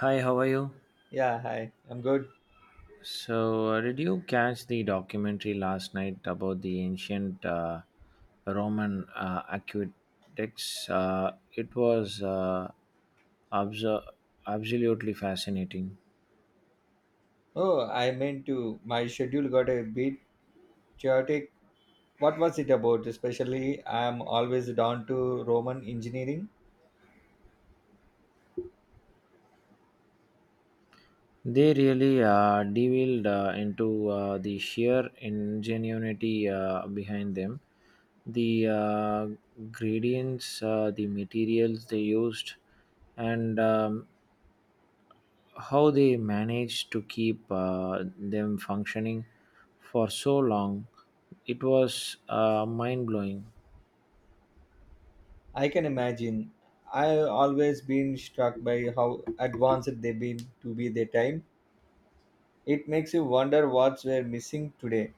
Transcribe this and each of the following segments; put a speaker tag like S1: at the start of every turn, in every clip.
S1: Hi, how are you?
S2: Yeah, hi. I'm good.
S1: So, did you catch the documentary last night about the ancient Roman aqueducts? It was abso- absolutely fascinating.
S2: Oh, I meant to. My schedule got a bit chaotic. What was it about? Especially, I'm always down to Roman engineering.
S1: They really delved into the sheer ingenuity behind them, the gradients, the materials they used, and how they managed to keep them functioning for so long. It was mind blowing.
S2: I can imagine. I've always been struck by how advanced they've been to be their time. It makes you wonder what's we're missing today.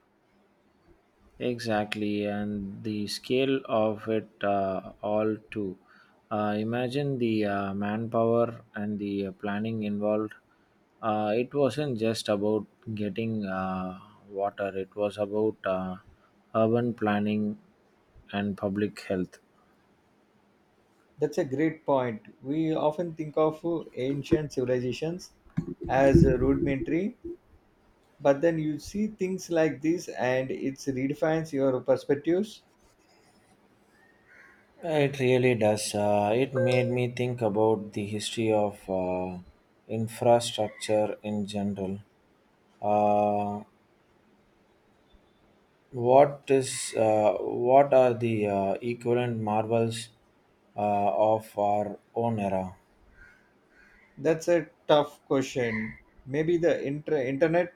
S1: Exactly, and the scale of it all too. Uh, imagine the manpower and the planning involved. It wasn't just about getting water. It was about urban planning and public health.
S2: That's a great point. We often think of ancient civilizations as rudimentary, but then you see things like this and it redefines your perspectives.
S1: It really does. It made me think about the history of infrastructure in general. Uh, what are the equivalent marvels of our own era?
S2: That's a tough question. Maybe the internet,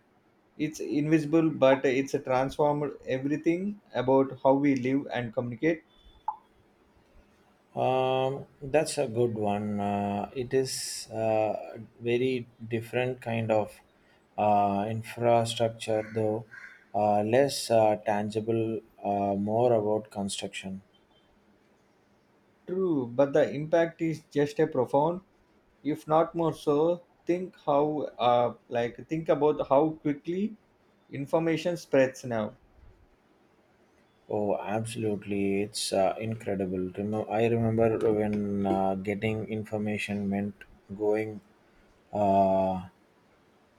S2: it's invisible but it's transformed everything about how we live and communicate.
S1: That's a good one. It is very different kind of infrastructure, though, less tangible, more about construction.
S2: True, but the impact is just a profound, if not more so. Think how like think about how quickly information spreads now.
S1: Oh, absolutely. It's incredible. I remember when getting information meant going uh,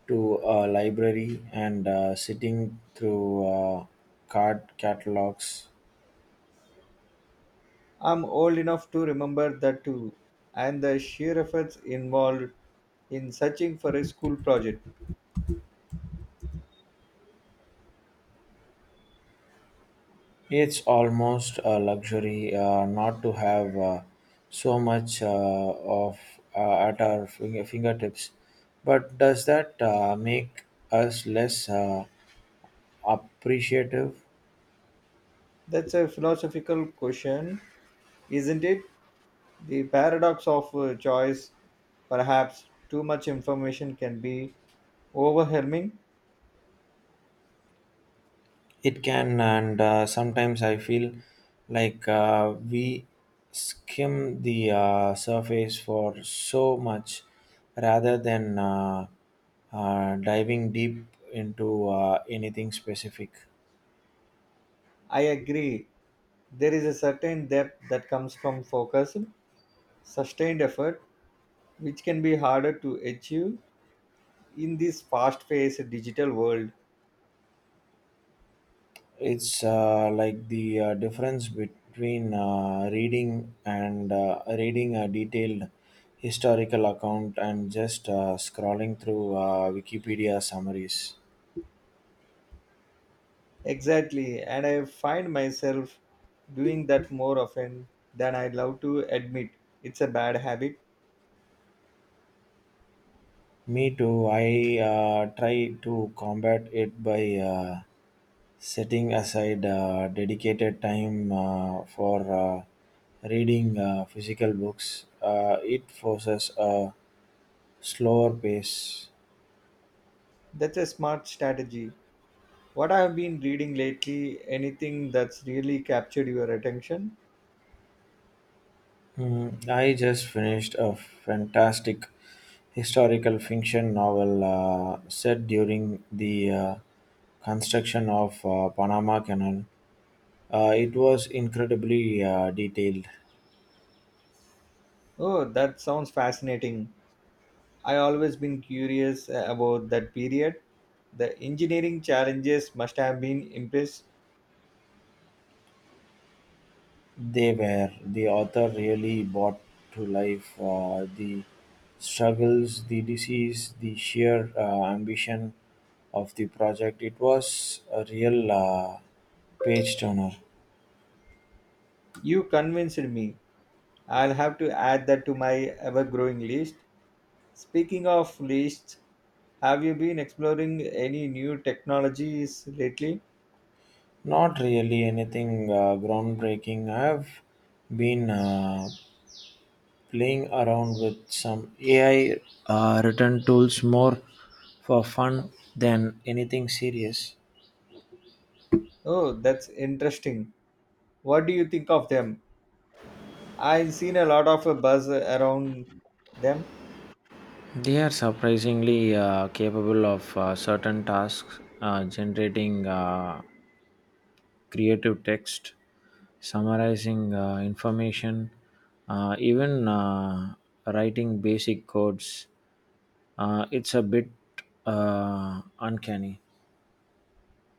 S1: to a library and sitting through card catalogs.
S2: I'm old enough to remember that too, and the sheer efforts involved in searching for a school project.
S1: It's almost a luxury not to have so much of at our fingertips. But does that make us less appreciative?
S2: That's a philosophical question, isn't it? The paradox of choice, perhaps too much information can be overwhelming.
S1: It can, and sometimes I feel like we skim the surface for so much rather than diving deep into anything specific.
S2: I agree. There is a certain depth that comes from focus, sustained effort, which can be harder to achieve in this fast paced digital world.
S1: It's like the difference between reading and reading a detailed historical account and just scrolling through Wikipedia summaries.
S2: Exactly, and I find myself doing that more often than I'd love to admit. It's a bad habit.
S1: Me too. I try to combat it by setting aside dedicated time for reading physical books. It forces a slower pace.
S2: That's a smart strategy. What I have been reading lately, anything that's really captured your attention?
S1: Mm, I just finished a fantastic historical fiction novel set during the construction of Panama Canal. It was incredibly detailed.
S2: Oh, that sounds fascinating. I always been curious about that period. The engineering challenges must have been impressed.
S1: They were. The author really brought to life the struggles, the disease, the sheer ambition of the project. It was a real page turner.
S2: You convinced me. I'll have to add that to my ever-growing list. Speaking of lists, have you been exploring any new technologies lately?
S1: Not really anything groundbreaking. I've been playing around with some AI written tools, more for fun than anything serious.
S2: Oh, that's interesting. What do you think of them? I've seen a lot of buzz around them.
S1: They are surprisingly capable of certain tasks, generating creative text, summarizing information, even writing basic codes. It's a bit uncanny.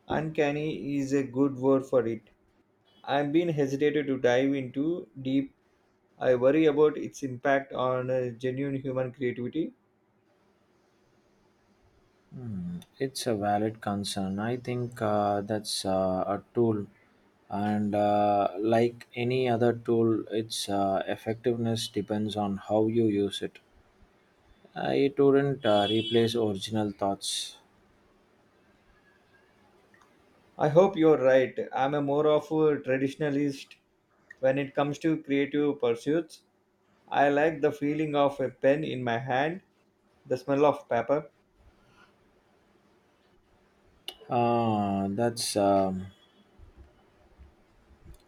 S2: Uncanny is a good word for it. I've been hesitated to dive into deep. I worry about its impact on genuine human creativity.
S1: Mm, it's a valid concern. I think that's a tool, and like any other tool, its effectiveness depends on how you use it. It wouldn't replace original thoughts.
S2: I hope you're right. I'm a more of a traditionalist when it comes to creative pursuits. I like the feeling of a pen in my hand, the smell of paper.
S1: Ah, that's.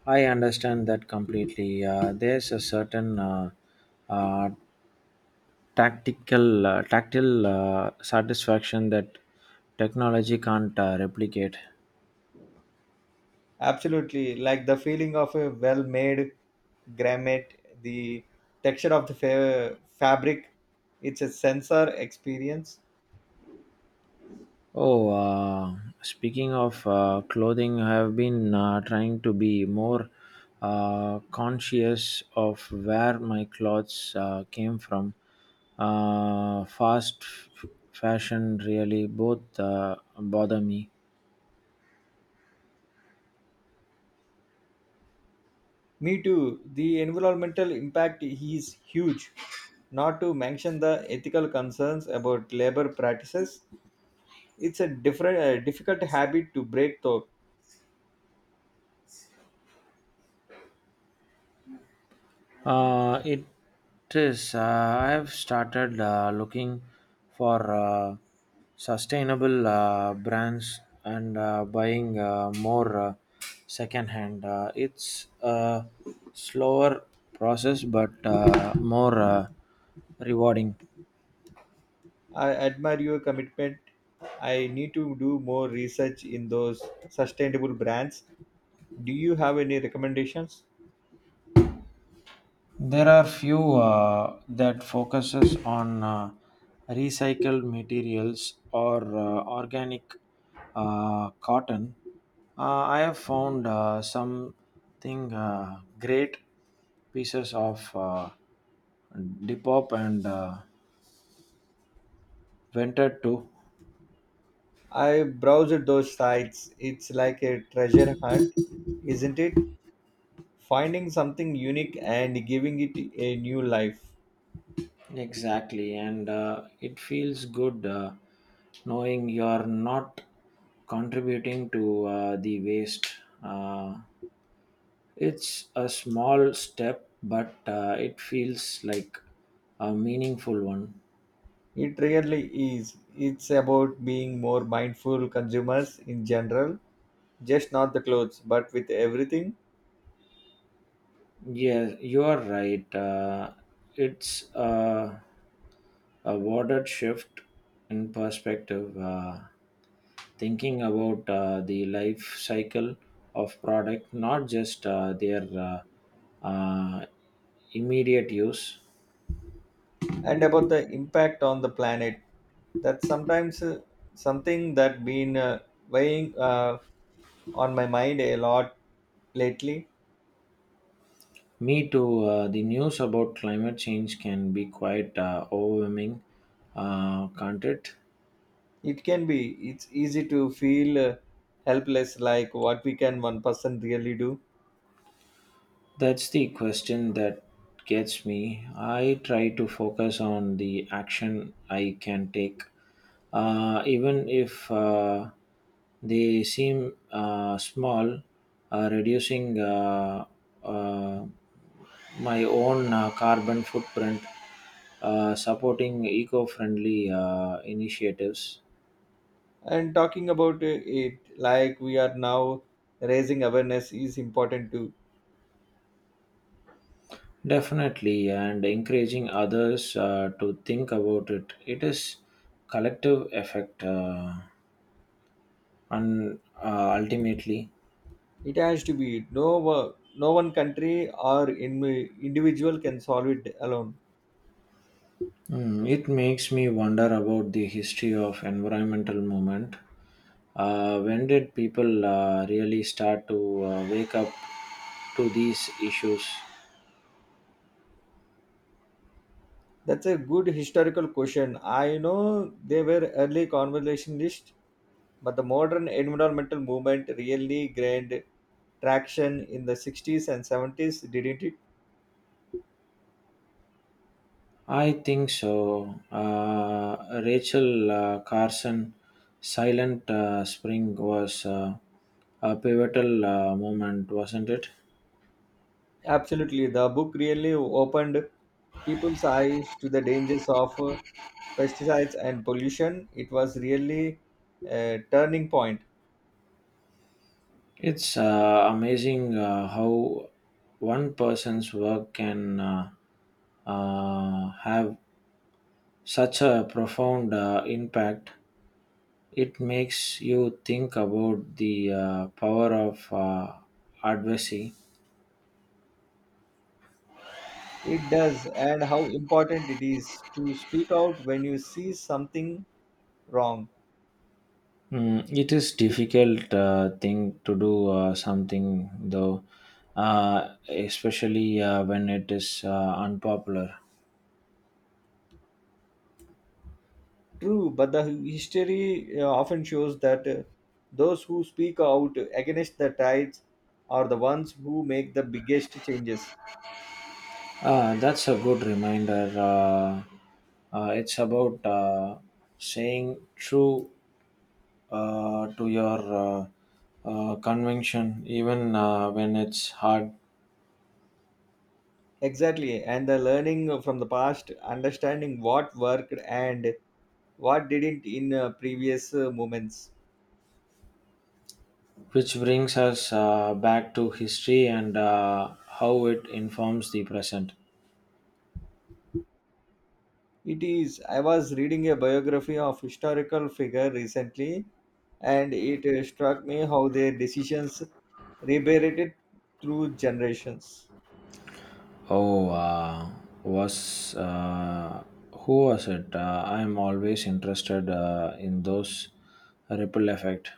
S1: I understand that completely. There's a certain uh, tactile satisfaction that technology can't replicate.
S2: Absolutely, like the feeling of a well made garment, the texture of the fabric. It's a sensor experience.
S1: Oh, speaking of clothing, I have been trying to be more conscious of where my clothes came from. Uh, fast f- fashion really both bother me.
S2: Me too. The environmental impact is huge, not to mention the ethical concerns about labor practices. It's a difficult habit to break, though.
S1: It is. I have started looking for sustainable brands and buying more secondhand. It's a slower process but more rewarding.
S2: I admire your commitment. I need to do more research in those sustainable brands. Do you have any recommendations?
S1: There are few that focuses on recycled materials or organic cotton. Uh, I have found something great pieces of Depop and Vented too.
S2: I browsed those sites. It's like a treasure hunt, isn't it? Finding something unique and giving it a new life.
S1: Exactly, and it feels good knowing you're not contributing to the waste. Uh, It's a small step, but It feels like a meaningful one.
S2: It really is. It's about being more mindful consumers in general, just not the clothes, but with everything,
S1: Yeah, you are right. It's a watered shift in perspective, thinking about the life cycle of product, not just their immediate use.
S2: and about the impact on the planet. That's sometimes something that been weighing on my mind a lot lately.
S1: Me too. The news about climate change can be quite overwhelming, can't it?
S2: It can be. It's easy to feel helpless, like what we can one person really do.
S1: That's the question that gets me. I try to focus on the action I can take, even if they seem small, reducing uh, my own carbon footprint, supporting eco friendly initiatives.
S2: And talking about it, like we are now raising awareness, is important too.
S1: Definitely, and encouraging others to think about it. It is collective effect, and ultimately,
S2: It has to be. No, no one country or in, individual can solve it alone.
S1: mm, it makes me wonder about the history of environmental movement. When did people really start to wake up to these issues?
S2: That's a good historical question. I know they were early conversationalists, but the modern environmental movement really gained traction in the 60s and 70s, didn't it?
S1: I think so. Rachel Carson, Silent Spring was a pivotal moment, wasn't it?
S2: Absolutely. The book really opened people's eyes to the dangers of pesticides and pollution. It was really a turning point.
S1: It's amazing how one person's work can have such a profound impact. It makes you think about the power of advocacy.
S2: It does, and how important it is to speak out when you see something wrong.
S1: Mm, it is difficult thing to do something though, especially when it is unpopular.
S2: True, but the history often shows that those who speak out against the tides are the ones who make the biggest changes.
S1: Ah, that's a good reminder. It's about saying true to your convention, even when it's hard,
S2: Exactly, and the learning from the past, understanding what worked and what didn't in previous moments.
S1: which brings us back to history and how it informs the present.
S2: It is. I was reading a biography of historical figure recently, and it struck me how their decisions reverberated through generations.
S1: Oh, was who was it? I'm always interested in those ripple effect.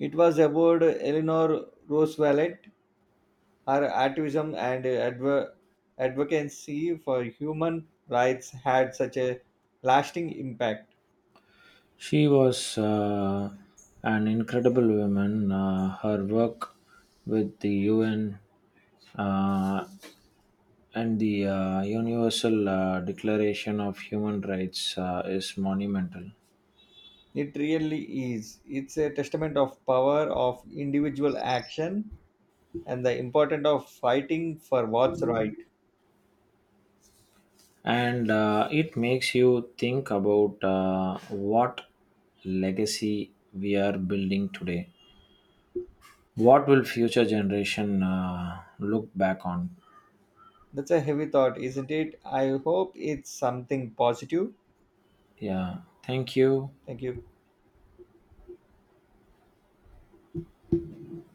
S2: It was about Eleanor Roosevelt, her activism and advocacy for human rights had such a lasting impact.
S1: She was an incredible woman. Her work with the UN uh, and the Universal Declaration of Human Rights is monumental.
S2: It really is. It's a testament of power of individual action and the importance of fighting for what's right.
S1: And it makes you think about what legacy we are building today. What will future generation look back on?
S2: That's a heavy thought, isn't it? I hope it's something positive.
S1: Yeah, thank you.
S2: Thank you.